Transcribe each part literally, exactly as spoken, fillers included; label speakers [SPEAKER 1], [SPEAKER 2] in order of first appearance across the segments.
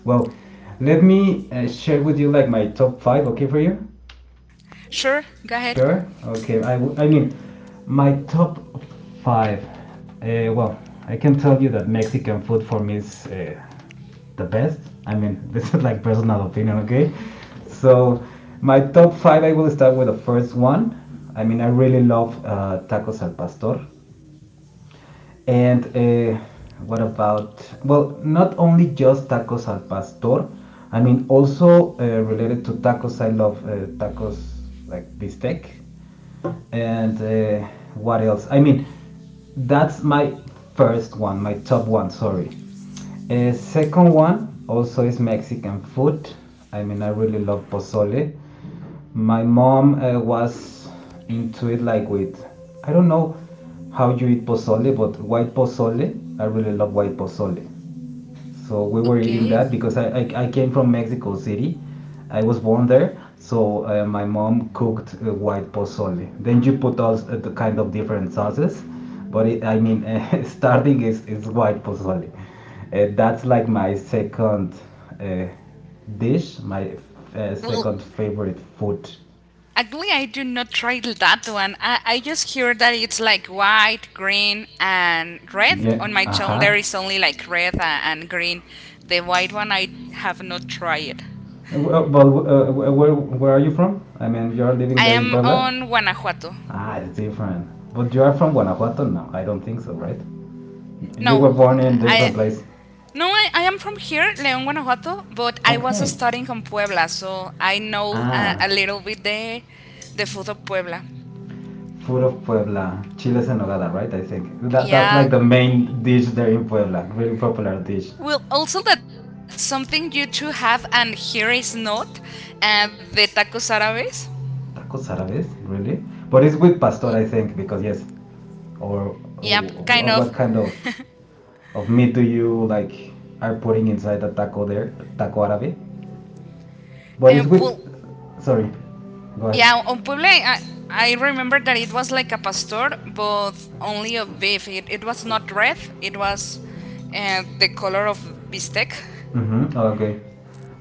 [SPEAKER 1] Well, let me uh, share with you like my top five, okay, for you?
[SPEAKER 2] Sure, go ahead.
[SPEAKER 1] Sure. Okay. I, w- I mean, my top five. Uh, well, I can tell you that Mexican food for me is uh, the best. I mean, this is like personal opinion, okay? So, my top five, I will start with the first one. I mean, I really love uh, tacos al pastor. And uh, what about, well, not only just tacos al pastor, I mean, also uh, related to tacos, I love uh, tacos like bistec. And uh, what else? I mean, that's my first one, my top one, sorry. Uh, second one also is Mexican food. I mean, I really love pozole, my mom uh, was into it like with, I don't know how you eat pozole, but white pozole. I really love white pozole. So we were eating
[SPEAKER 2] Okay.
[SPEAKER 1] that because I, I, I came from Mexico City. I was born there, so uh, my mom cooked uh, white pozole. Then you put all uh, the kind of different sauces, but it, I mean, uh, starting is, is white pozole. Uh, that's like my second uh, dish, my f- uh,
[SPEAKER 2] Well,
[SPEAKER 1] second favorite food.
[SPEAKER 2] actually, I do not try that one. I, I just hear that it's like white, green, and red.
[SPEAKER 1] Yeah,
[SPEAKER 2] On my
[SPEAKER 1] uh-huh. uh
[SPEAKER 2] tongue, there
[SPEAKER 1] huh.
[SPEAKER 2] is only like red a- and green. The white one, I have not tried it.
[SPEAKER 1] Well, well, uh, where, where are you from? I mean, you're living
[SPEAKER 2] I
[SPEAKER 1] there in
[SPEAKER 2] am
[SPEAKER 1] Puebla?
[SPEAKER 2] on Guanajuato.
[SPEAKER 1] Ah, it's different. But you are from Guanajuato now. I don't think so, right? You
[SPEAKER 2] No,
[SPEAKER 1] were born in a
[SPEAKER 2] I.
[SPEAKER 1] different place.
[SPEAKER 2] No, I, I am from here, León, Guanajuato, but I was
[SPEAKER 1] Okay.
[SPEAKER 2] studying in Puebla, so I know uh,
[SPEAKER 1] Ah,
[SPEAKER 2] a little bit the the food of Puebla.
[SPEAKER 1] food of Puebla, chiles en nogada, right? I think that that's
[SPEAKER 2] Yeah,
[SPEAKER 1] like the main dish there in Puebla. Really popular dish.
[SPEAKER 2] well, also that's something you two have, and here is not. Uh, the tacos árabes.
[SPEAKER 1] Tacos árabes, really? But it's with
[SPEAKER 2] Y-
[SPEAKER 1] pastor, I think, because yes. Or
[SPEAKER 2] Yep, kind of.
[SPEAKER 1] what kind of of meat do you like are putting inside the taco there, taco árabe? But
[SPEAKER 2] Uh,
[SPEAKER 1] it's with.
[SPEAKER 2] well,
[SPEAKER 1] Sorry, go ahead.
[SPEAKER 2] yeah, on Puebla, I, I remember that it was like a pastor, but only of beef. It, it was not red. It was uh, the color of bistec.
[SPEAKER 1] Mm-hmm. Oh, okay.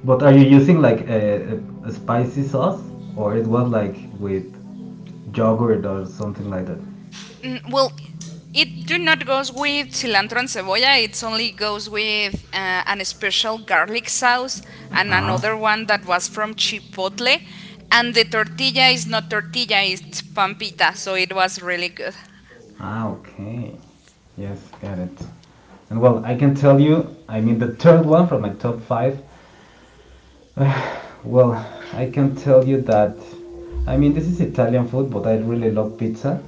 [SPEAKER 1] But are you using like a, a spicy sauce or it was like with yogurt or something like that?
[SPEAKER 2] Mm, well, it do not goes with cilantro and cebolla. It only goes with uh, an special garlic sauce and
[SPEAKER 1] Uh-huh.
[SPEAKER 2] another one that was from Chipotle. And the tortilla is not tortilla, it's pampita. So it was really good.
[SPEAKER 1] Ah, okay. Yes, got it. And well, I can tell you, I mean, the third one from my top five. Uh, Well, I can tell you that. I mean, this is Italian food, but I really love pizza.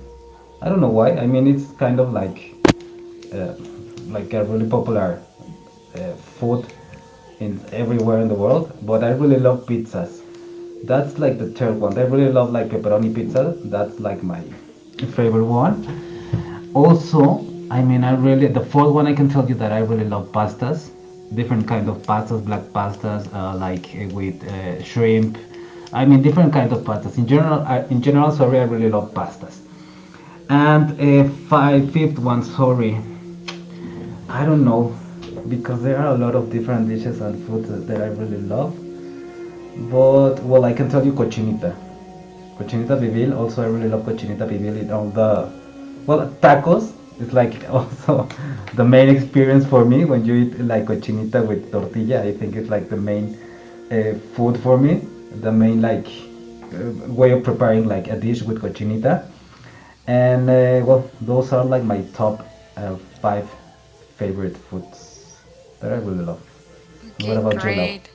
[SPEAKER 1] I don't know why. I mean, it's kind of like uh, like a really popular uh, food in everywhere in the world. But I really love pizzas. That's like the third one. I really love like pepperoni pizza. That's like my favorite one. Also, I mean, I really the fourth one I can tell you that I really love pastas, different kind of pastas, black pastas, uh, like uh, with uh, shrimp. I mean, different kind of pastas. In general, I, in general, sorry, I really love pastas. And a five, fifth one, sorry, I don't know, because there are a lot of different dishes and foods that I really love. But well, I can tell you cochinita, cochinita pibil. Also, I really love cochinita pibil in all the, well, tacos. It's like also the main experience for me when you eat like cochinita with tortilla. I think it's like the main uh, food for me, the main like uh, way of preparing like a dish with cochinita. And uh, well, those are like my top uh, five favorite foods that I really love. And what
[SPEAKER 2] Okay,
[SPEAKER 1] about you, love?
[SPEAKER 2] great.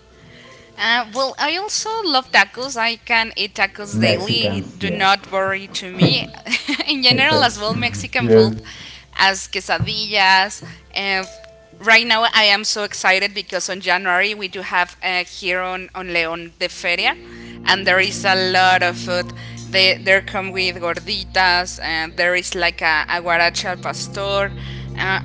[SPEAKER 2] Uh, well, I also love tacos. I can eat tacos daily.
[SPEAKER 1] Mexicans,
[SPEAKER 2] Do
[SPEAKER 1] yes.
[SPEAKER 2] not worry to me. In general,
[SPEAKER 1] Exactly.
[SPEAKER 2] as well, Mexican food
[SPEAKER 1] Yes.
[SPEAKER 2] as quesadillas. Uh, right now, I am so excited because on January we do have uh, here on, on León the Feria. And there is a lot of food. They there come with gorditas. And there is like a aguaracha al pastor. Uh,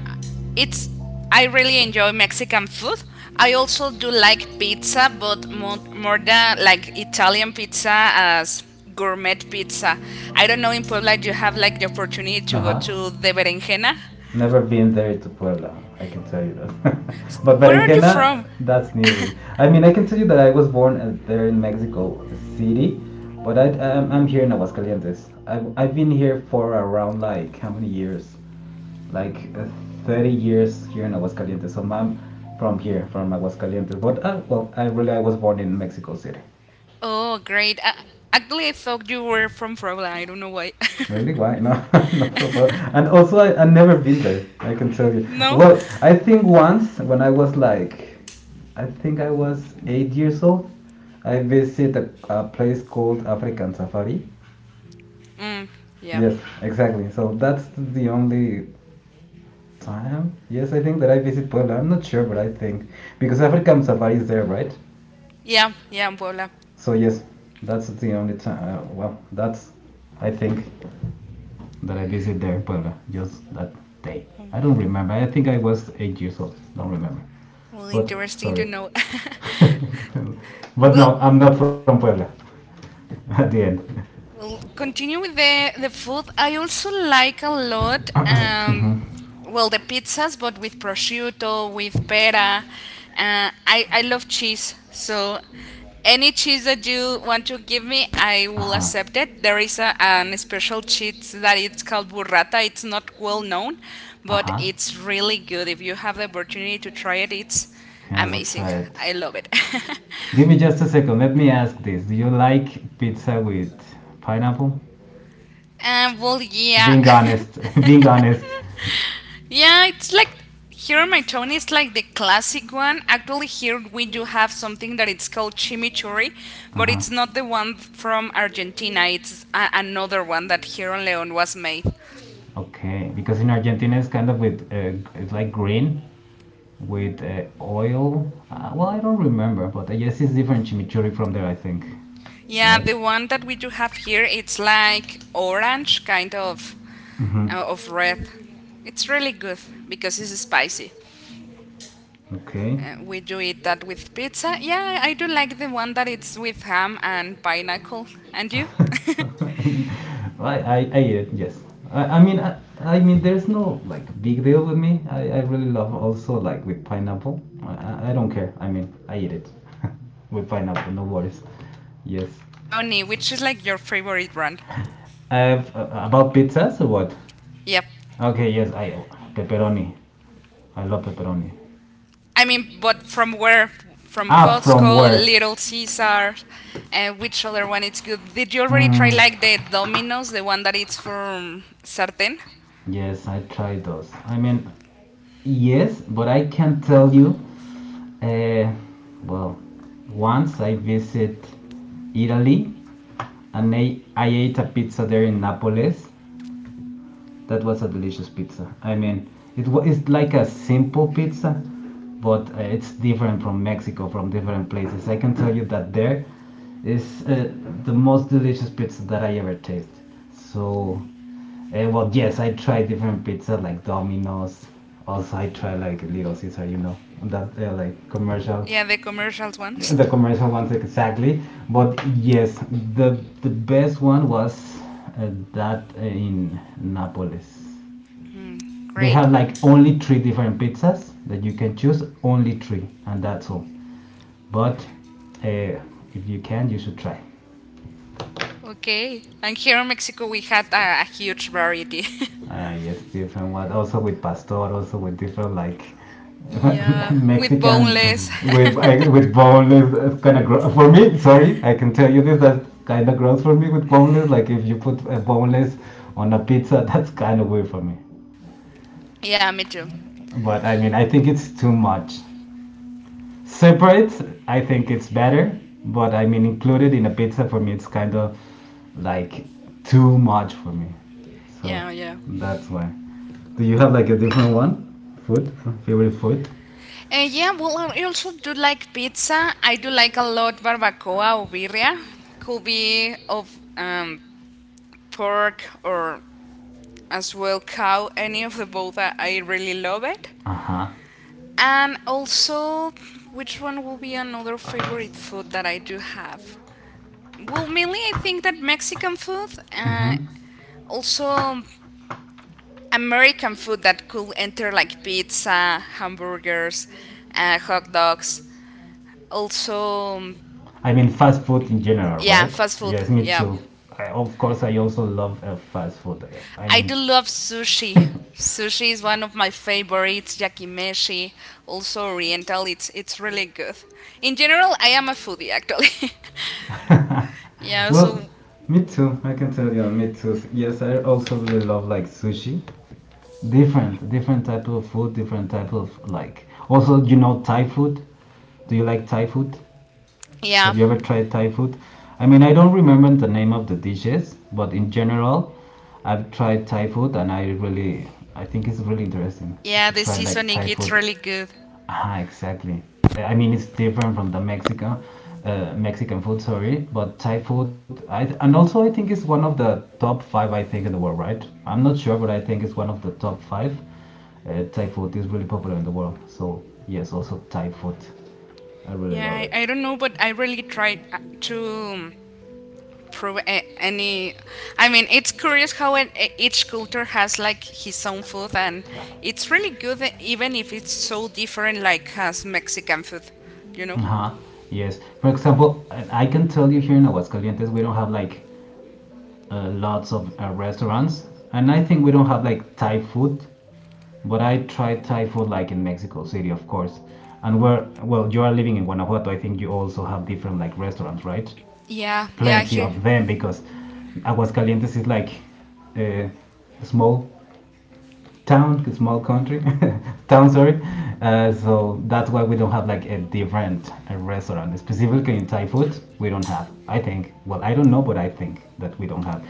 [SPEAKER 2] it's I really enjoy Mexican food. I also do like pizza, but more, more than like Italian pizza as gourmet pizza. I don't know in Puebla you have like the opportunity to go
[SPEAKER 1] Uh-huh.
[SPEAKER 2] to the Berenjena.
[SPEAKER 1] Never been there to Puebla, I can tell you that. But
[SPEAKER 2] Where are you
[SPEAKER 1] Berenjena,
[SPEAKER 2] from?
[SPEAKER 1] that's new for me. I mean, I can tell you that I was born uh, there in Mexico City, but I, I'm, I'm here in Aguascalientes. I've, I've been here for around like how many years? Like uh, thirty years here in Aguascalientes. So I'm from here, from Aguascalientes. But uh, well, I really I was born in Mexico City.
[SPEAKER 2] Oh, great. Uh, actually, I thought you were from Puebla. I don't know why.
[SPEAKER 1] Really? Why? No, not for Bo- And also, I, I've never been there. I can tell you.
[SPEAKER 2] No?
[SPEAKER 1] Well, I think once when I was like, I think I was eight years old, I visited a, a place called African Safari.
[SPEAKER 2] Mm, yeah.
[SPEAKER 1] Yes, exactly. So that's the only time. Yes, I think that I visit Puebla. I'm not sure, but I think because African Safari is there, right?
[SPEAKER 2] Yeah, yeah, in Puebla.
[SPEAKER 1] So yes, that's the only time. Uh, well, that's I think that I visit there in Puebla, just that day. I don't remember. I think I was eight years old. Don't remember.
[SPEAKER 2] Well,
[SPEAKER 1] But
[SPEAKER 2] interesting to
[SPEAKER 1] sorry.
[SPEAKER 2] know.
[SPEAKER 1] But
[SPEAKER 2] well,
[SPEAKER 1] no, I'm not from Puebla. At the end.
[SPEAKER 2] Well, continue with the the food. I also like a lot. Um,
[SPEAKER 1] Mhm.
[SPEAKER 2] well, the pizzas, but with prosciutto, with pera. Uh, I I love cheese, so any cheese that you want to give me, I will
[SPEAKER 1] Uh-huh.
[SPEAKER 2] accept it. There is a an special cheese that it's called burrata. It's not well known, but
[SPEAKER 1] Uh-huh.
[SPEAKER 2] it's really good. If you have the opportunity to try it, it's
[SPEAKER 1] Okay, I will
[SPEAKER 2] amazing.
[SPEAKER 1] try it.
[SPEAKER 2] I love it.
[SPEAKER 1] Give me just a second. Let me ask this. Do you like pizza with pineapple?
[SPEAKER 2] Um, well, yeah.
[SPEAKER 1] Being honest. Being honest.
[SPEAKER 2] Yeah, it's like here my Tony is like the classic one. Actually, here we do have something that it's called chimichurri,
[SPEAKER 1] (Uh
[SPEAKER 2] but
[SPEAKER 1] huh)
[SPEAKER 2] it's not the one from Argentina. It's a- another one that here in León was made.
[SPEAKER 1] Okay, because in Argentina it's kind of with uh, it's like green with uh, oil. Uh, well, I don't remember, but I guess it's different chimichurri from there, I think,
[SPEAKER 2] Yeah,
[SPEAKER 1] right?
[SPEAKER 2] the one that we do have here, it's like orange, kind of uh,
[SPEAKER 1] Mm-hmm.
[SPEAKER 2] of red. It's really good because it's spicy.
[SPEAKER 1] Okay.
[SPEAKER 2] Uh, we do eat that with pizza. Yeah, I do like the one that it's with ham and pineapple. And you?
[SPEAKER 1] I, I, I eat it, yes. I, I mean, I, I mean, there's no like big deal with me. I, I really love also like with pineapple. I, I- I don't care. I
[SPEAKER 2] Any
[SPEAKER 1] mean,
[SPEAKER 2] type of
[SPEAKER 1] I eat it
[SPEAKER 2] pizza. You mentioned
[SPEAKER 1] with
[SPEAKER 2] that you love
[SPEAKER 1] pineapple,
[SPEAKER 2] the
[SPEAKER 1] no
[SPEAKER 2] one of
[SPEAKER 1] worries.
[SPEAKER 2] of
[SPEAKER 1] Yes.
[SPEAKER 2] pepperoni, which is like your favorite brand.
[SPEAKER 1] I've, uh, uh, about pizzas or what?
[SPEAKER 2] Yep.
[SPEAKER 1] Okay, yes, I pepperoni. I love pepperoni.
[SPEAKER 2] I mean, but from where? From
[SPEAKER 1] Ah, from
[SPEAKER 2] Costco,
[SPEAKER 1] where?
[SPEAKER 2] Little Caesar, and which other one is good? Did you already
[SPEAKER 1] Mm,
[SPEAKER 2] try like the Domino's, the one that it's from Sartén?
[SPEAKER 1] yes, I tried those. I mean, yes, but I can't tell you. Uh, well, once I visit Italy and I, I ate a pizza there in Naples. That was a delicious pizza. I mean, it was it's like a simple pizza, but uh, it's different from Mexico, from different places. I can tell you that there is uh, the most delicious pizza that I ever taste. So, uh, well, yes, I tried different pizza like Domino's. Also, I tried like Little Caesar, you know, that uh, like commercial,
[SPEAKER 2] Yeah, the commercials ones.
[SPEAKER 1] the commercial ones exactly. But yes, the the best one was uh, that in Nápoles. They
[SPEAKER 2] Great.
[SPEAKER 1] have like only three different pizzas that you can choose, only three and that's all. But uh, if you can, you should try.
[SPEAKER 2] Okay. And here in Mexico, we had a, a huge variety.
[SPEAKER 1] Ah, yes, different one. Also with pastor, also with different like
[SPEAKER 2] Yeah, with
[SPEAKER 1] Mexican
[SPEAKER 2] boneless.
[SPEAKER 1] with I, with boneless, kind of gross for me. Sorry, I can tell you this. That's kind of gross for me with boneless. Like if you put a boneless on a pizza, that's kind of weird for me.
[SPEAKER 2] Yeah, me too.
[SPEAKER 1] But I mean, I think it's too much. Separate, I think it's better. But I mean, included in a pizza for me, it's kind of like too much for me. So
[SPEAKER 2] Yeah, yeah.
[SPEAKER 1] that's why. Do you have like a different one? Food? Favorite food?
[SPEAKER 2] Uh, yeah, well, I also do like pizza. I do like a lot barbacoa or birria. Could be of um, pork or as well cow. Any of the both, I, I really love it.
[SPEAKER 1] Uh huh.
[SPEAKER 2] And also, which one will be another favorite food that I do have? Well, mainly I think that Mexican food, uh,
[SPEAKER 1] Mm-hmm.
[SPEAKER 2] also American food that could enter like pizza, hamburgers, uh, hot dogs. Also,
[SPEAKER 1] I mean, fast food in general,
[SPEAKER 2] yeah,
[SPEAKER 1] right?
[SPEAKER 2] fast food.
[SPEAKER 1] Yes, me
[SPEAKER 2] Yeah.
[SPEAKER 1] too. I, of course, I also love uh, fast food. I I
[SPEAKER 2] I
[SPEAKER 1] mean,
[SPEAKER 2] do love sushi. Sushi is one of my favorites, yakimeshi, also oriental. It's it's really good. In general, I am a foodie actually. Yeah,
[SPEAKER 1] Well,
[SPEAKER 2] so
[SPEAKER 1] me too. I can tell you, me too. Yes, I also really love like sushi. different, different type of food, different type of like. Also, you know, Thai food. Do you like Thai food?
[SPEAKER 2] yeah.
[SPEAKER 1] Have you ever tried Thai food? I mean, I don't remember the name of the dishes, but in general, I've tried Thai food and I really, I think it's really interesting
[SPEAKER 2] Yeah,
[SPEAKER 1] to
[SPEAKER 2] the
[SPEAKER 1] try like
[SPEAKER 2] seasoning
[SPEAKER 1] Thai
[SPEAKER 2] it's
[SPEAKER 1] food.
[SPEAKER 2] really good.
[SPEAKER 1] Ah, exactly. I mean, it's different from the Mexican, uh, Mexican food, sorry, but Thai food. I th- and also I think it's one of the top five I think in the world, right? I'm not sure, but I think it's one of the top five. Uh, Thai food is really popular in the world, so yes, also Thai food. I really love
[SPEAKER 2] Yeah,
[SPEAKER 1] it.
[SPEAKER 2] I, I don't know, but I really tried uh, to prove a- any. I mean, it's curious how it, e- each culture has like his own food, and it's really good, e- even if it's so different, like as Mexican food, you know.
[SPEAKER 1] Uh-huh. Yes. For example, I I can tell you here in Aguascalientes, we don't have like uh, lots of uh, restaurants, and I think we don't have like Thai food. But I tried Thai food like in Mexico City, of course. And where, well, you are living in Guanajuato, I think you also have different like restaurants, right?
[SPEAKER 2] Yeah, yeah,
[SPEAKER 1] Plenty
[SPEAKER 2] here,
[SPEAKER 1] of them because Aguascalientes is like uh, small town, small country, town, sorry. Uh, so that's why we don't have like a different uh, restaurant. Specifically in Thai food, we don't have. I think, well, I don't know, but I think that we don't have.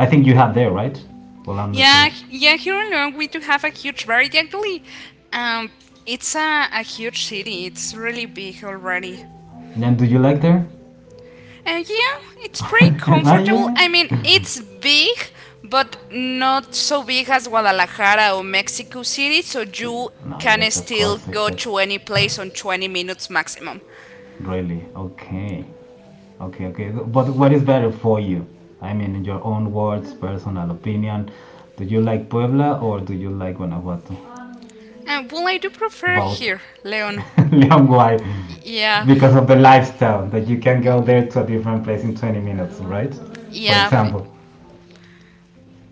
[SPEAKER 1] I think you have there, right? Well, I'm not sure.
[SPEAKER 2] yeah, h-
[SPEAKER 1] Um,
[SPEAKER 2] yeah. Here
[SPEAKER 1] yes,
[SPEAKER 2] in León, we do
[SPEAKER 1] we do
[SPEAKER 2] have a
[SPEAKER 1] have
[SPEAKER 2] huge
[SPEAKER 1] a kitchen,
[SPEAKER 2] variety.
[SPEAKER 1] and
[SPEAKER 2] Actually,
[SPEAKER 1] we...
[SPEAKER 2] um, it's a, a huge city. It's really big already.
[SPEAKER 1] Then do you like there?
[SPEAKER 2] And yeah, it's pretty
[SPEAKER 1] Ah
[SPEAKER 2] comfortable.
[SPEAKER 1] yeah.
[SPEAKER 2] I mean, it's big, but not so big as Guadalajara or Mexico City. So you
[SPEAKER 1] No,
[SPEAKER 2] can
[SPEAKER 1] yes, of
[SPEAKER 2] still
[SPEAKER 1] course,
[SPEAKER 2] go
[SPEAKER 1] exactly.
[SPEAKER 2] to any place on twenty minutes maximum.
[SPEAKER 1] Really? Okay. Okay, okay. But what is better for you? I mean, in your own words, personal opinion, do you like Puebla or do you like Guanajuato?
[SPEAKER 2] And well, I do prefer
[SPEAKER 1] Both.
[SPEAKER 2] here, Leon.
[SPEAKER 1] Leon, why?
[SPEAKER 2] Yeah,
[SPEAKER 1] Because of the lifestyle, that you can go there to a different place in twenty minutes, right? For
[SPEAKER 2] yeah.
[SPEAKER 1] example.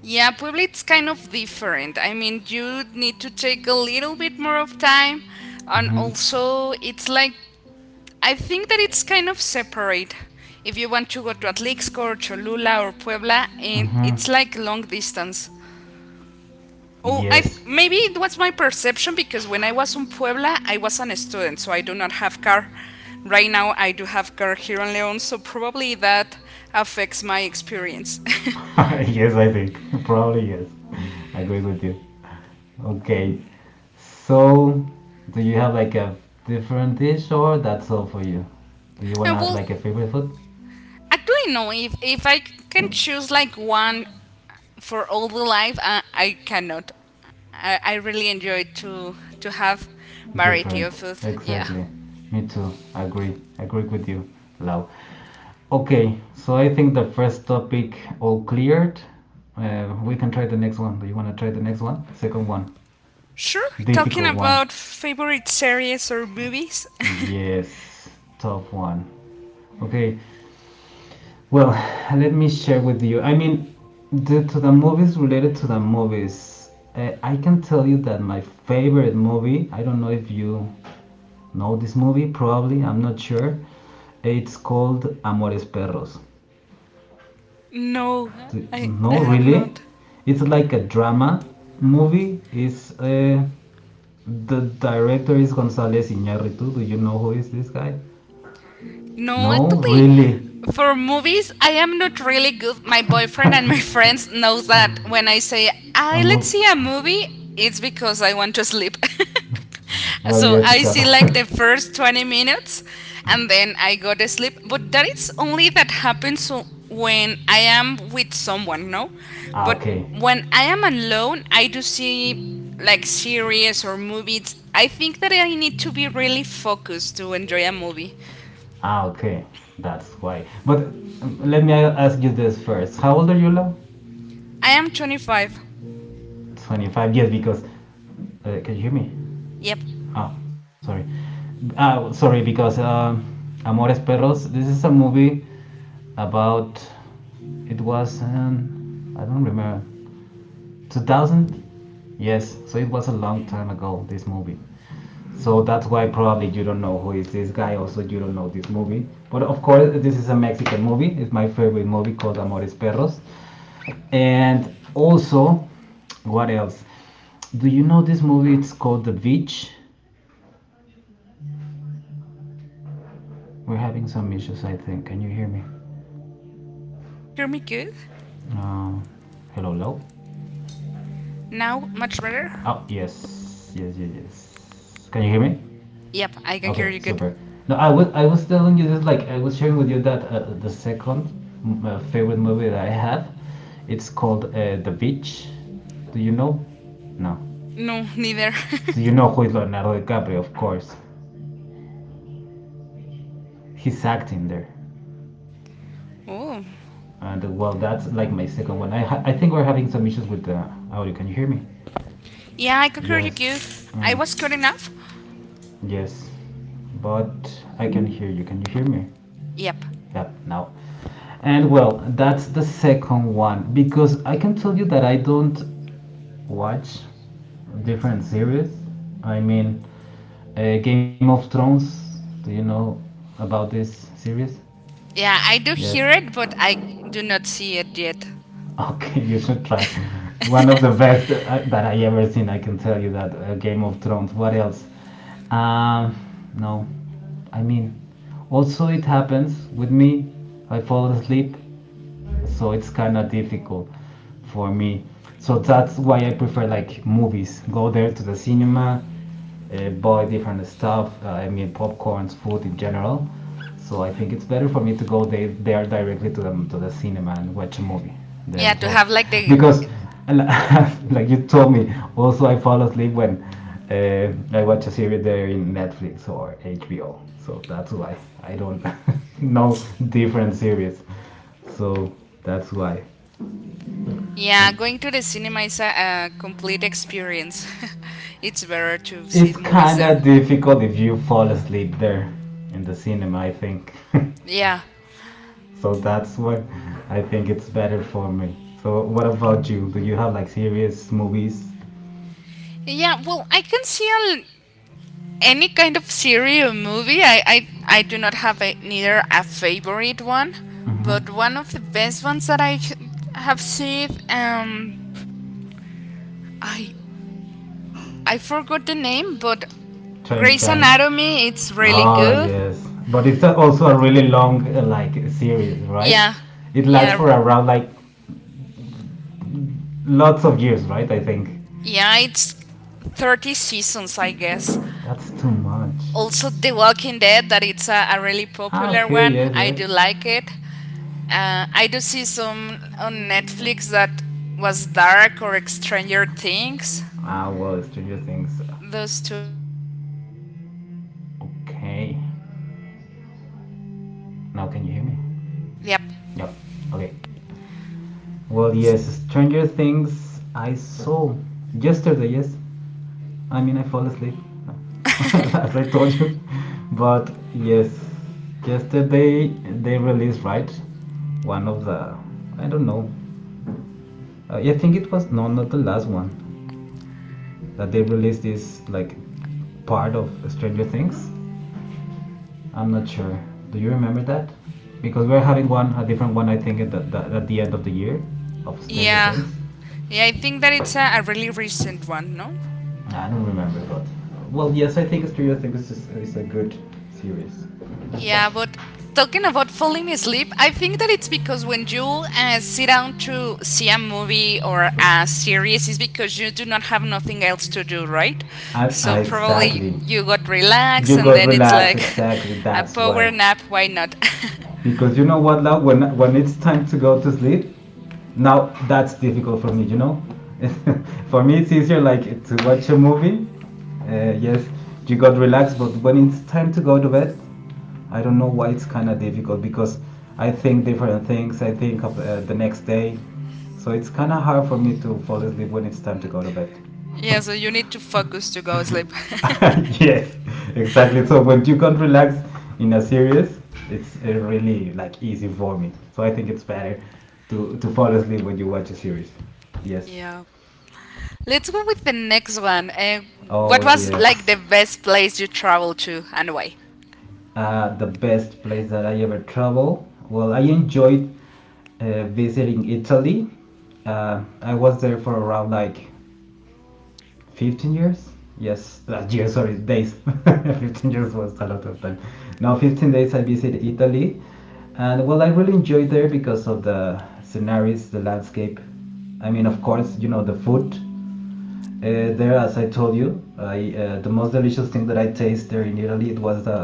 [SPEAKER 2] Yeah, Puebla it's kind of different. I mean, you need to take a little bit more of time, and
[SPEAKER 1] Mhm.
[SPEAKER 2] also it's like I think that it's kind of separate. If you want to go to Atlixco or Cholula or Puebla, and
[SPEAKER 1] Mhm.
[SPEAKER 2] it's like long distance. Oh, I
[SPEAKER 1] Yes.
[SPEAKER 2] maybe it was my perception because when I was in Puebla, I was an student, so I do not have car. Right now, I do have car here in León, so probably that affects my experience.
[SPEAKER 1] Yes, I think. Probably yes. Agree with you. Okay. So, do you have like a different dish or that's all for you? Do you want
[SPEAKER 2] Uh,
[SPEAKER 1] to add
[SPEAKER 2] well,
[SPEAKER 1] like a favorite food?
[SPEAKER 2] Actually, no. If if I c- can choose like one for all the life, uh, I cannot. I, I really enjoy to to have variety of
[SPEAKER 1] Different.
[SPEAKER 2] food. Yeah.
[SPEAKER 1] Exactly. Me too. Agree. Agree with you. Lau. Okay. So, I think the first topic all cleared. Uh, we can try the next one. Do you want to try the next one? Second one.
[SPEAKER 2] Sure. Talking
[SPEAKER 1] Difficult one.
[SPEAKER 2] about favorite series or movies,
[SPEAKER 1] Yes, tough one. Okay, well, let me share with you. I mean, the, to the movies related to the movies, uh, I can tell you that my favorite movie, I don't know if you know this movie, probably, I'm not sure. It's called Amores Perros.
[SPEAKER 2] no, I I
[SPEAKER 1] No,
[SPEAKER 2] have
[SPEAKER 1] really?
[SPEAKER 2] not.
[SPEAKER 1] It's like a drama movie. It's, uh, the director is González Iñárritu. Do you know who is this guy?
[SPEAKER 2] No,
[SPEAKER 1] No,
[SPEAKER 2] actually,
[SPEAKER 1] really.
[SPEAKER 2] for movies, I am not really good. My boyfriend and my friends knows that when I say,
[SPEAKER 1] a
[SPEAKER 2] "I let's
[SPEAKER 1] mo-
[SPEAKER 2] see a movie," it's because I want to sleep.
[SPEAKER 1] well,
[SPEAKER 2] So
[SPEAKER 1] yes, it
[SPEAKER 2] I see like
[SPEAKER 1] happened.
[SPEAKER 2] the first twenty minutes and then I go to sleep. But that is only that happens w- when I am with someone, no?
[SPEAKER 1] ah,
[SPEAKER 2] But
[SPEAKER 1] okay.
[SPEAKER 2] when I am alone, I do see like series or movies. I think that I need to be really focused to enjoy a movie.
[SPEAKER 1] Ah, okay. That's why. But um, let me a- ask you this first. How old are you, Lau?
[SPEAKER 2] I am twenty-five.
[SPEAKER 1] twenty-five. Yes, because. Uh, can you hear me?
[SPEAKER 2] Yep.
[SPEAKER 1] Ah, sorry. Ah, sorry, because um, Amores Perros, this is a movie about it was um, I don't remember, two thousand. Yes, so it was a long time ago this movie. So that's why probably you don't know who is this guy. Also, you don't know this movie. But of course, this is a Mexican movie. It's my favorite movie called Amores Perros. And also, what else? Do you know this movie? It's called The Beach.
[SPEAKER 2] No, neither.
[SPEAKER 1] We're having some issues, I think. Can you hear me?
[SPEAKER 2] Yep. Can you hear me good?
[SPEAKER 1] Uh, hello, hello.
[SPEAKER 2] Now, much better?
[SPEAKER 1] Oh yes, yes, yes, yes. Can you hear me?
[SPEAKER 2] Yep, I can hear
[SPEAKER 1] Okay,
[SPEAKER 2] you good.
[SPEAKER 1] super. No, I was I was telling you this like I was sharing with you that uh, the second uh, favorite movie that I have, it's called uh, The Beach. Do you know? No.
[SPEAKER 2] No, neither.
[SPEAKER 1] Do you know who is Leonardo DiCaprio? Of course,
[SPEAKER 2] Yeah, yeah, I, I do.
[SPEAKER 1] he's acting there.
[SPEAKER 2] Oh.
[SPEAKER 1] And well, that's like my second one. I ha- I think we're having some issues with the audio. Can you hear me?
[SPEAKER 2] Yeah, I can hear you
[SPEAKER 1] Yes.
[SPEAKER 2] good. I was good
[SPEAKER 1] Mm,
[SPEAKER 2] enough?
[SPEAKER 1] yes. But I can hear you. Can you hear me?
[SPEAKER 2] Yep.
[SPEAKER 1] Yep, now. And well, that's the second one because I can tell you that I don't watch different series. I mean, uh, Game of Thrones. Do you know about this series?
[SPEAKER 2] Yeah, I do
[SPEAKER 1] Yes.
[SPEAKER 2] hear it, but I do not see it yet.
[SPEAKER 1] Okay, you should try. One of the best uh, that I ever seen. I can tell you that uh, Game of Thrones. What else? Um, no. I mean, also it happens with me. I fall asleep, so it's kind of difficult for me. So that's why I prefer like movies. Go there to the cinema, uh, buy different stuff. Uh, I mean, popcorns, food in general. So I think it's better for me to go they, there directly to the to the cinema and watch a movie
[SPEAKER 2] Yeah,
[SPEAKER 1] there.
[SPEAKER 2] to
[SPEAKER 1] So
[SPEAKER 2] have like the.
[SPEAKER 1] because like you told me, also I fall asleep when uh, I watch a series there in Netflix or H B O. So that's why I don't know different series. So that's why.
[SPEAKER 2] Yeah,
[SPEAKER 1] And
[SPEAKER 2] going to the cinema is a, a complete experience. It's better to see
[SPEAKER 1] it's
[SPEAKER 2] movies
[SPEAKER 1] kind
[SPEAKER 2] there.
[SPEAKER 1] of difficult if you fall asleep there in the cinema, I think.
[SPEAKER 2] Yeah.
[SPEAKER 1] So that's why I think it's better for me. So what about you? Do you have like serious movies?
[SPEAKER 2] Yeah, well, I can see a any kind of series or movie. I, I, I do not have a, neither a favorite one, but
[SPEAKER 1] Mm-hmm.
[SPEAKER 2] one of the best ones that I h- have seen. Um, I I forgot the name, but
[SPEAKER 1] Trying
[SPEAKER 2] Grey's
[SPEAKER 1] Spanish.
[SPEAKER 2] Anatomy. It's really
[SPEAKER 1] Ah
[SPEAKER 2] good.
[SPEAKER 1] yes, but it's a- also a really long uh, like series, right?
[SPEAKER 2] Yeah,
[SPEAKER 1] It lasts for
[SPEAKER 2] yeah,
[SPEAKER 1] around like lots of years, right? I think
[SPEAKER 2] yeah. It's thirty seasons, I guess.
[SPEAKER 1] that's too much.
[SPEAKER 2] Also, The Walking Dead. That it's a, a really
[SPEAKER 1] Ah,
[SPEAKER 2] popular
[SPEAKER 1] okay,
[SPEAKER 2] one.
[SPEAKER 1] yes,
[SPEAKER 2] I
[SPEAKER 1] yes.
[SPEAKER 2] do like it. Uh, I do see some on Netflix that was Dark or Stranger Things.
[SPEAKER 1] Ah, well, Stranger Things.
[SPEAKER 2] Those two as well. I think that it's really good.
[SPEAKER 1] Okay, now can you hear me?
[SPEAKER 2] Yep.
[SPEAKER 1] Yep. Okay. Well, yes, Stranger Things. I saw yesterday. Yes, I mean, I fall asleep, as I told you. But yes, yesterday they released right one of the I don't know. Uh, I think it was no, not the last one that they released this like part of Stranger Things. I'm not sure. Do you remember that? Because we're having one a different one. I think at the, the, at the end of the year of Stranger
[SPEAKER 2] Yeah.
[SPEAKER 1] Things.
[SPEAKER 2] Yeah, I think that it's a, a really recent one, no?
[SPEAKER 1] I don't remember, but well, yes, I think Stranger Things is, is a good series.
[SPEAKER 2] Yeah, but talking about falling asleep, I think that it's because when you uh, sit down to see a movie or a series, it's because you do not have nothing else to do, right?
[SPEAKER 1] I,
[SPEAKER 2] So
[SPEAKER 1] I,
[SPEAKER 2] probably
[SPEAKER 1] exactly.
[SPEAKER 2] you got relaxed
[SPEAKER 1] You
[SPEAKER 2] and
[SPEAKER 1] got
[SPEAKER 2] then it's
[SPEAKER 1] relaxed,
[SPEAKER 2] like
[SPEAKER 1] exactly.
[SPEAKER 2] a
[SPEAKER 1] That's
[SPEAKER 2] power
[SPEAKER 1] why.
[SPEAKER 2] nap, why not?
[SPEAKER 1] Because you know what, love, when when it's time to go to sleep, now that's difficult for me. You know, for me it's easier like to watch a movie. Uh, yes, you got relaxed, but when it's time to go to bed, I don't know why it's kind of difficult because I think different things. I think of uh, the next day, so it's kind of hard for me to fall asleep when it's time to go to bed.
[SPEAKER 2] Yeah, so you need to focus to go sleep.
[SPEAKER 1] yes, exactly. So when you can't relax in a series, it's uh, really like easy for me. So I think it's better to to fall asleep when you watch a series. Yes.
[SPEAKER 2] Yeah. Let's go with the next one. Uh,
[SPEAKER 1] Oh
[SPEAKER 2] what was
[SPEAKER 1] yes.
[SPEAKER 2] like the best place you traveled to and why?
[SPEAKER 1] Uh, the best place that I ever travel. Well, I enjoyed uh, visiting Italy. Uh, I was there for around like fifteen years, yes, that year, sorry, days. fifteen years was a lot of time. Now fifteen days I visited Italy, and well, I really enjoyed there because of the sceneries, the landscape. I mean, of course, you know, the food uh, there. As I told you, I, uh, the most delicious thing that I tasted there in Italy, it was the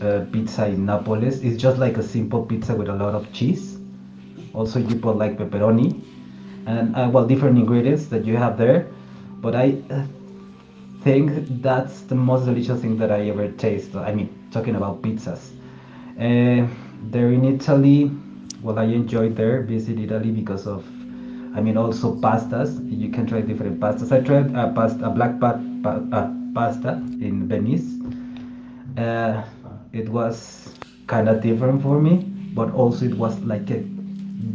[SPEAKER 1] uh, pizza in Naples. It's just like a simple pizza with a lot of cheese. Also, you put like pepperoni and uh, well, different ingredients that you have there. But I uh, think that's the most delicious thing that I ever tasted. I mean, talking about pizzas. Uh, there in Italy, well, I enjoyed there, visit Italy because of, I mean, also pastas. You can try different pastas. I tried a pasta, a black pa- pa- uh, pasta in Venice. uh, it was kind of different for me, but also it was like a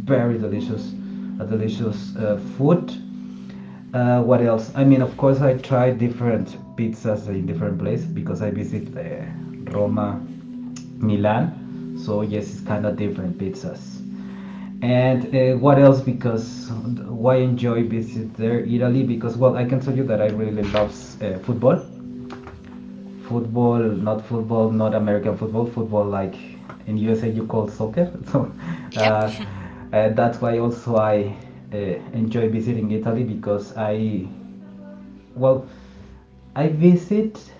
[SPEAKER 1] very delicious a delicious uh, food. Uh, what else? I mean, of course, I tried different pizzas in different places because I visit uh, Roma, Milan. So yes, it's kind of different pizzas. And uh, what else? Because why enjoy visit there Italy? Because well, I can tell you that I really love uh, football. Football, not football, not American football, football like in U S A you call soccer. So uh,
[SPEAKER 2] Yep.
[SPEAKER 1] uh, that's why also I uh, enjoy visiting Italy because I, well, I visit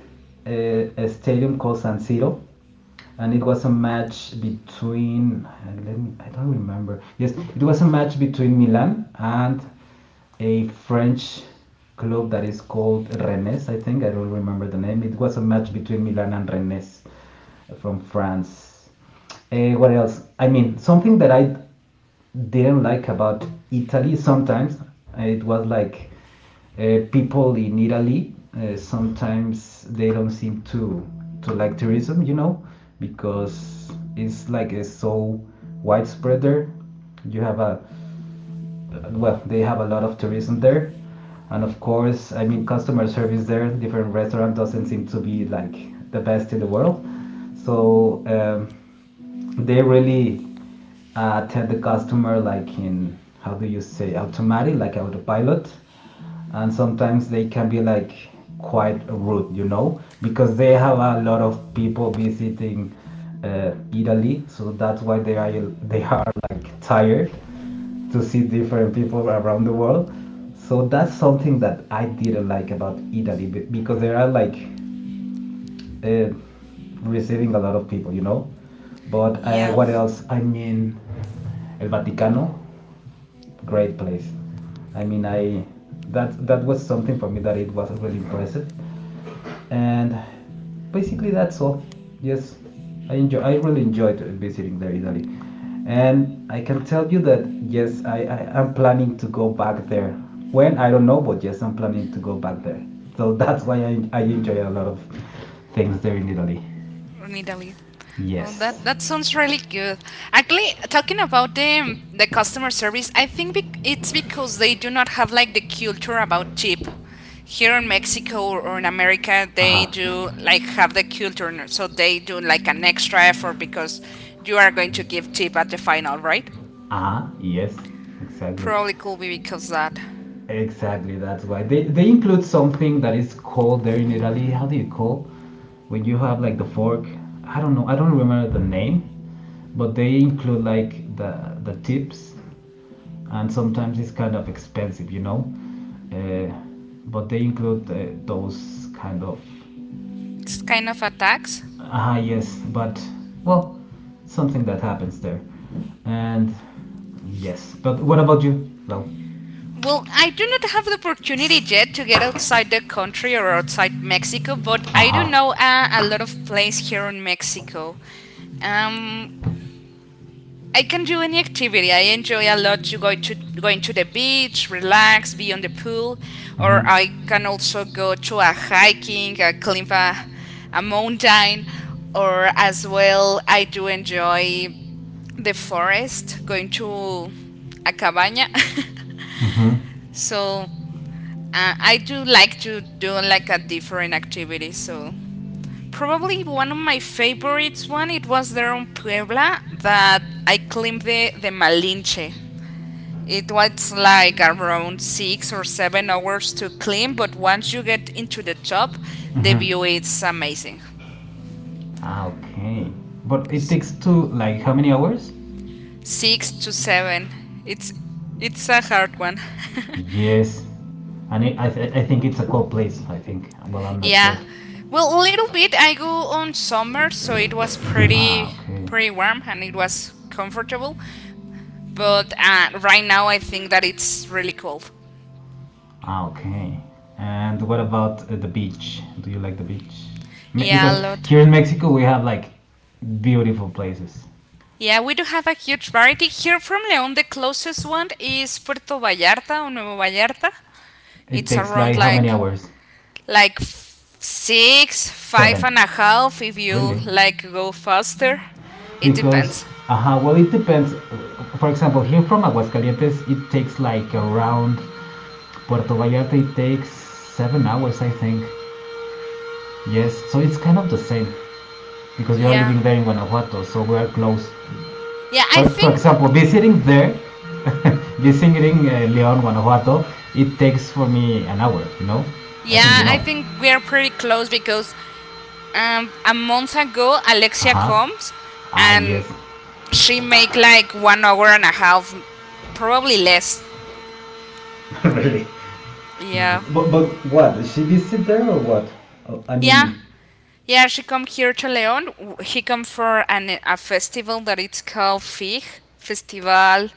[SPEAKER 1] a, a stadium called San Siro, and it was a match between uh, let me I don't remember. Yes, it was a match between Milan and a French club that is called Rennes. I think I don't remember the name. It was a match between Milan and Rennes from France. Uh, what else? I mean, something that I didn't like about Italy sometimes. It was like uh, people in Italy uh, sometimes they don't seem to to like tourism, you know, because it's like it's so widespread there. You have a well, they have a lot of tourism there. And of course, I mean, customer service there, different restaurant doesn't seem to be like the best in the world. So um, they really uh, tell the customer like in how do you say automatic, like autopilot. And sometimes they can be like quite rude, you know, because they have a lot of people visiting uh, Italy, so that's why they are they are like tired to see different people around the world. So that's something that I didn't like about Italy because they are like uh, receiving a lot of people, you know. But uh,
[SPEAKER 2] Yeah,
[SPEAKER 1] what else? I mean, El Vaticano, great place. I mean, I that that was something for me that it was really impressive, and basically that's all. Yes, I enjoy, I really enjoyed visiting there Italy, and I can tell you that yes i, I am planning to go back there, when I don't know, but yes, I'm planning to go back there. So that's why i, I enjoy a lot of things there in Italy.
[SPEAKER 2] in Italy. Oh, that
[SPEAKER 1] Yes.
[SPEAKER 2] that sounds really good. Actually, talking about the the customer service, I think bec- it's because they do not have like the culture about tip. Here in Mexico or, or in America, they
[SPEAKER 1] Uh-huh.
[SPEAKER 2] do like have the culture, n- so they do like an extra effort because you are going to give tip at the final, right?
[SPEAKER 1] Ah, yes, exactly.
[SPEAKER 2] Probably could be because that
[SPEAKER 1] Exactly, that's why they they include something that is called there in Italy. How do you call when you have like the fork? I don't know. I don't remember the name, but they include like the the tips, and sometimes it's kind of expensive, you know. Uh, but they include uh, those kind of
[SPEAKER 2] it's kind of a tax.
[SPEAKER 1] ah yes, but well, something that happens there, and yes. But what about you, Lau?
[SPEAKER 2] Well, I do not have the opportunity yet to get outside the country or outside Mexico, but I do
[SPEAKER 1] Aha.
[SPEAKER 2] know uh, a lot of places here in Mexico. Um, I can do any activity. I enjoy a lot to go to going to the beach, relax, be on the pool,
[SPEAKER 1] Mhm.
[SPEAKER 2] or I can also go to a hiking, a climb a, a mountain, or as well I do enjoy the forest, going to a cabaña.
[SPEAKER 1] Mhm.
[SPEAKER 2] So uh, I do like to do like a different activity. So probably one of my favorites one it was there on Puebla that I climbed the the Malinche. It was like around six or seven hours to climb, but once you get into the top, the
[SPEAKER 1] Mhm.
[SPEAKER 2] view is amazing.
[SPEAKER 1] Ah, okay. But it
[SPEAKER 2] So,
[SPEAKER 1] takes two, like, how many hours?
[SPEAKER 2] six to seven. It's it's a hard one.
[SPEAKER 1] Yes. And it, I, th- I think it's a cold place, I think. Well, I'm not sure.
[SPEAKER 2] Yeah. Well, a little bit. I go on summer, so it was
[SPEAKER 1] Ah,
[SPEAKER 2] pretty
[SPEAKER 1] okay.
[SPEAKER 2] pretty warm and it was comfortable. But uh, right now, I think that it's really cold.
[SPEAKER 1] Ah, okay. And what about uh, the beach? Do you like the beach? Me-
[SPEAKER 2] Yeah, a
[SPEAKER 1] because
[SPEAKER 2] lot.
[SPEAKER 1] here in Mexico, we have, like, beautiful places.
[SPEAKER 2] Yeah, we do have a huge variety here from León. The closest one is Puerto Vallarta or Nuevo Vallarta.
[SPEAKER 1] It
[SPEAKER 2] It's
[SPEAKER 1] takes,
[SPEAKER 2] around
[SPEAKER 1] like, how many
[SPEAKER 2] like
[SPEAKER 1] hours?
[SPEAKER 2] like f- six, five
[SPEAKER 1] Seven.
[SPEAKER 2] and a half if you
[SPEAKER 1] Really?
[SPEAKER 2] like go faster. It
[SPEAKER 1] Because,
[SPEAKER 2] depends.
[SPEAKER 1] uh, well, it depends. For example, here from Aguascalientes, it takes like around Puerto Vallarta, it takes seven hours, I think. Yes, so it's kind of the same because you are
[SPEAKER 2] Yeah.
[SPEAKER 1] living there in Guanajuato, so we are close.
[SPEAKER 2] Yeah, I
[SPEAKER 1] For, for
[SPEAKER 2] think
[SPEAKER 1] example, visiting there, visiting uh, León, Guanajuato, it takes for me an hour, you know? I think you
[SPEAKER 2] yeah, I
[SPEAKER 1] know.
[SPEAKER 2] think we are pretty close because um, a month ago
[SPEAKER 1] Uh
[SPEAKER 2] alexia
[SPEAKER 1] huh.
[SPEAKER 2] comes
[SPEAKER 1] Ah, yes.
[SPEAKER 2] and she make like one hour and a half, probably less.
[SPEAKER 1] Really?
[SPEAKER 2] Yeah.
[SPEAKER 1] But but what? She visit there or what? Oh, I
[SPEAKER 2] yeah
[SPEAKER 1] mean,
[SPEAKER 2] yeah she come here to leon W- he come for an, a festival that it's called fig festival,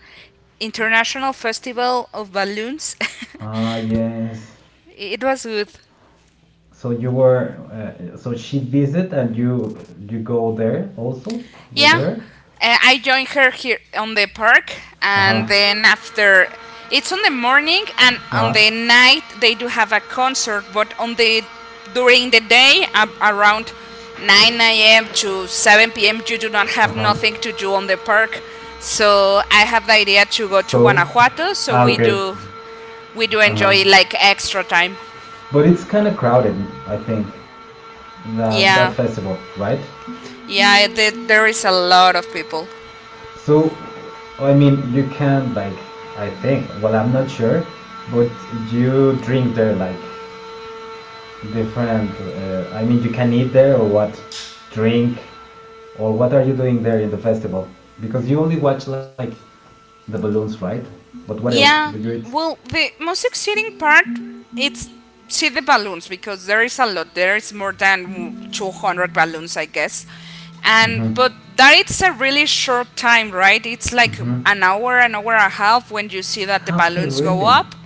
[SPEAKER 2] international festival of balloons.
[SPEAKER 1] ah yes.
[SPEAKER 2] It was good.
[SPEAKER 1] So you were, uh, so she visit and you you go there also with
[SPEAKER 2] Yeah,
[SPEAKER 1] her?
[SPEAKER 2] uh, I joined her here on the park,
[SPEAKER 1] Uh-huh.
[SPEAKER 2] and then after, it's on the morning and on
[SPEAKER 1] Uh-huh.
[SPEAKER 2] the night they do have a concert, but on the during the day ab- around nine a m to seven p m you do not have nothing
[SPEAKER 1] Uh-huh.
[SPEAKER 2] to do on the park. So I have the idea to go to
[SPEAKER 1] So,
[SPEAKER 2] Guanajuato, so
[SPEAKER 1] ah
[SPEAKER 2] we
[SPEAKER 1] okay.
[SPEAKER 2] do we do
[SPEAKER 1] Uh-huh.
[SPEAKER 2] enjoy like extra time.
[SPEAKER 1] But it's kind of crowded, I think, the, that
[SPEAKER 2] Yeah,
[SPEAKER 1] festival, right?
[SPEAKER 2] yeah, the, there is a lot of people.
[SPEAKER 1] So, I mean, you can like, I think, well, I'm not sure, but you drink there like different uh, I mean you can eat there or what drink or what are you doing there in the festival because you only watch like the balloons right but what else do
[SPEAKER 2] Yeah.
[SPEAKER 1] you eat?
[SPEAKER 2] Well, the most exciting part it's see the balloons because there is a lot. There is more than two hundred balloons, I guess. And but
[SPEAKER 1] Mm-hmm.
[SPEAKER 2] that it's a really short time, right? It's like
[SPEAKER 1] Mm-hmm.
[SPEAKER 2] an hour, an hour and a half when you see that the
[SPEAKER 1] Okay,
[SPEAKER 2] balloons go
[SPEAKER 1] really.
[SPEAKER 2] up,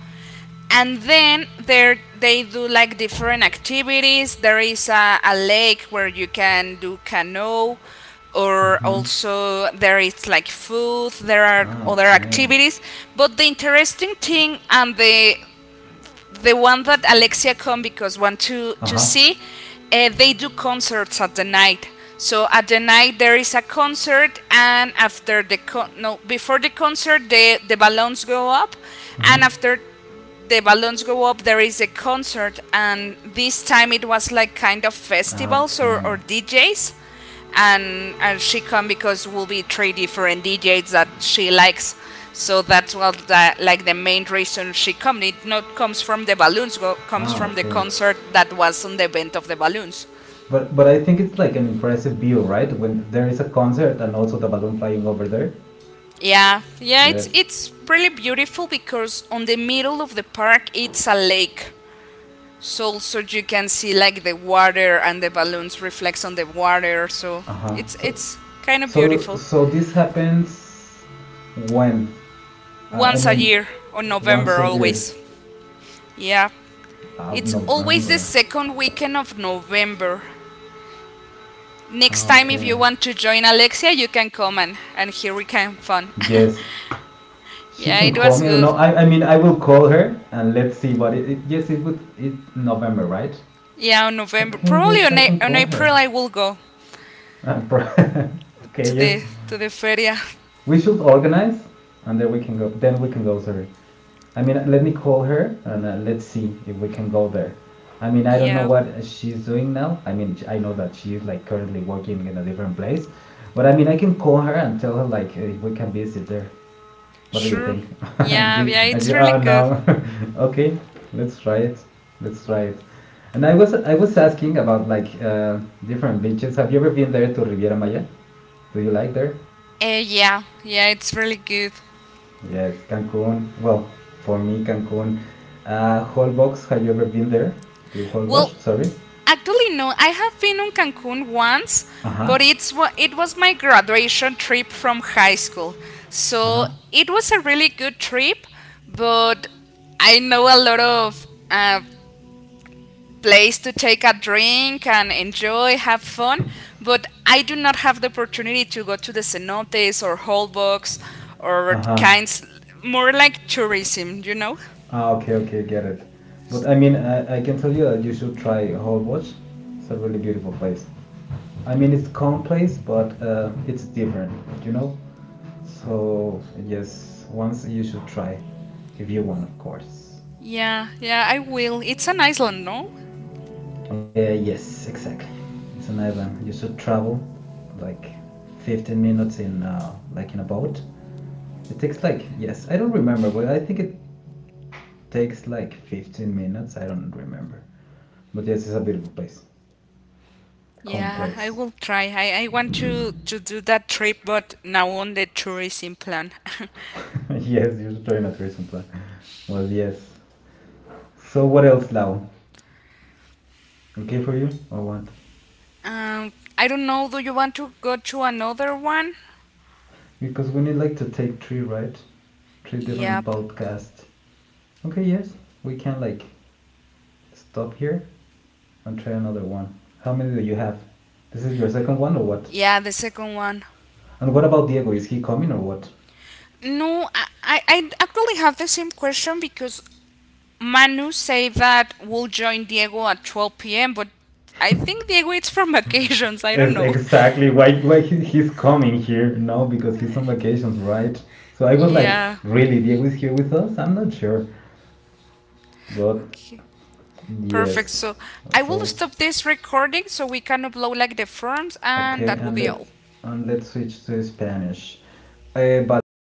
[SPEAKER 2] and then there they do like different activities. There is a, a lake where you can do canoe, or
[SPEAKER 1] Mm-hmm.
[SPEAKER 2] also there is like food, there are
[SPEAKER 1] Ah
[SPEAKER 2] other
[SPEAKER 1] okay.
[SPEAKER 2] activities. But the interesting thing and the the one that Alexia Combicos want to to
[SPEAKER 1] Uh-huh.
[SPEAKER 2] see, uh, they do concerts at the night. So at the night there is a concert, and after the con- no before the concert the the balloons go up, and
[SPEAKER 1] Mm-hmm.
[SPEAKER 2] after the balloons go up there is a concert, and this time it was like kind of festivals or,
[SPEAKER 1] Okay.
[SPEAKER 2] or D Js. And and she come because will be three different D Js that she likes. So that's what the, like the main reason she come. It not comes from the balloons, go, comes
[SPEAKER 1] Ah
[SPEAKER 2] from the
[SPEAKER 1] okay.
[SPEAKER 2] concert that was on the event of the balloons.
[SPEAKER 1] But but I think it's like an impressive view right when there is a concert and also the balloon flying over there.
[SPEAKER 2] Yeah, yeah, it's
[SPEAKER 1] Yes.
[SPEAKER 2] it's really beautiful because on the middle of the park it's a lake. So also you can see like the water and the balloons reflects on the water. So
[SPEAKER 1] Uh-huh,
[SPEAKER 2] it's
[SPEAKER 1] so
[SPEAKER 2] it's kind of
[SPEAKER 1] so
[SPEAKER 2] beautiful.
[SPEAKER 1] so this happens when. I, I
[SPEAKER 2] Once a
[SPEAKER 1] mean,
[SPEAKER 2] year, on
[SPEAKER 1] once
[SPEAKER 2] November
[SPEAKER 1] a year,
[SPEAKER 2] always. Yeah,
[SPEAKER 1] of
[SPEAKER 2] it's always the
[SPEAKER 1] November.
[SPEAKER 2] second weekend of November. Next time, if
[SPEAKER 1] Okay.
[SPEAKER 2] you want to join Alexia, you can come and, and here we can have fun.
[SPEAKER 1] Yes, she
[SPEAKER 2] Yeah,
[SPEAKER 1] can
[SPEAKER 2] it
[SPEAKER 1] call
[SPEAKER 2] was
[SPEAKER 1] me.
[SPEAKER 2] good.
[SPEAKER 1] No, I, I mean, I will call her and let's see what it. It yes, it would. It November, right?
[SPEAKER 2] Yeah, on November,
[SPEAKER 1] Okay.
[SPEAKER 2] probably
[SPEAKER 1] Yes,
[SPEAKER 2] on,
[SPEAKER 1] I
[SPEAKER 2] A-
[SPEAKER 1] can
[SPEAKER 2] on
[SPEAKER 1] call her.
[SPEAKER 2] April, I will go
[SPEAKER 1] Uh, pro- okay.
[SPEAKER 2] to
[SPEAKER 1] Yes,
[SPEAKER 2] the to the feria.
[SPEAKER 1] we should organize, and then we can go. Then we can go. Sorry. I mean, let me call her and uh, let's see if we can go there. I mean, I don't know
[SPEAKER 2] Yeah,
[SPEAKER 1] what she's doing now. I mean, I know that she's like currently working in a different place, but I mean, I can call her and tell her like if we can visit there. What do you
[SPEAKER 2] sure.
[SPEAKER 1] think? And
[SPEAKER 2] Yeah,
[SPEAKER 1] you,
[SPEAKER 2] yeah,
[SPEAKER 1] and
[SPEAKER 2] it's
[SPEAKER 1] you,
[SPEAKER 2] really
[SPEAKER 1] oh
[SPEAKER 2] good.
[SPEAKER 1] no, okay, let's try it. Let's try it. And I was, I was asking about like uh, different beaches. Have you ever been there to Riviera Maya? Do you like there?
[SPEAKER 2] Uh, yeah, yeah, it's really good.
[SPEAKER 1] Yes, Cancun. Well, for me, Cancun. Uh, Holbox, have you ever been there? To
[SPEAKER 2] Well,
[SPEAKER 1] Holbox, sorry.
[SPEAKER 2] actually, no. I have been on Cancun once,
[SPEAKER 1] Uh huh.
[SPEAKER 2] but it's wa- it was my graduation trip from high school.
[SPEAKER 1] Uh
[SPEAKER 2] So
[SPEAKER 1] huh.
[SPEAKER 2] it was a really good trip, but I know a lot of uh, place to take a drink and enjoy, have fun. But I do not have the opportunity to go to the cenotes or holbox
[SPEAKER 1] Uh
[SPEAKER 2] or
[SPEAKER 1] huh.
[SPEAKER 2] kinds more like tourism, you know?
[SPEAKER 1] Ah, okay, okay, get it. But I mean, I, I can tell you that you should try Holbox. It's a really beautiful place. I mean, it's calm place, but uh, it's different, you know? So, yes, once you should try, if you want, of course.
[SPEAKER 2] Yeah, yeah, I will. It's an island, no?
[SPEAKER 1] Uh, yes, exactly. It's an island. You should travel like fifteen minutes in uh, like in a boat. It takes like, yes, I don't remember, but I think it takes like fifteen minutes. I don't remember. But yes, it's a beautiful place. Calm
[SPEAKER 2] Yeah, I
[SPEAKER 1] place.
[SPEAKER 2] will try. I, I want to to do that trip, but now on the tourism plan.
[SPEAKER 1] Yes, you should try a tourism plan. Well, yes. So what else, Lau? Okay for you or what?
[SPEAKER 2] um, I don't know. Do you want to go to another one?
[SPEAKER 1] Because we need like to take three, right? Three different
[SPEAKER 2] Yep.
[SPEAKER 1] podcasts. Okay, yes, we can like stop here and try another one. How many do you have? This is your second one or what?
[SPEAKER 2] Yeah, the second one.
[SPEAKER 1] And what about Diego? Is he coming or what?
[SPEAKER 2] No, I, I, I actually have the same question because Manu say that we'll join Diego at twelve p m, but I think Diego is from vacations. I don't
[SPEAKER 1] Yes,
[SPEAKER 2] know.
[SPEAKER 1] exactly. Why, why he, he's coming here? No, because he's on vacations, right? So I was like,
[SPEAKER 2] Yeah.
[SPEAKER 1] really, Diego is here with us? I'm not sure, but
[SPEAKER 2] Okay. Perfect.
[SPEAKER 1] yes.
[SPEAKER 2] So I will
[SPEAKER 1] So
[SPEAKER 2] stop this recording so we can upload like the forms and
[SPEAKER 1] okay,
[SPEAKER 2] that will
[SPEAKER 1] and
[SPEAKER 2] be
[SPEAKER 1] let
[SPEAKER 2] all.
[SPEAKER 1] and let's switch to Spanish. Eh, Bala,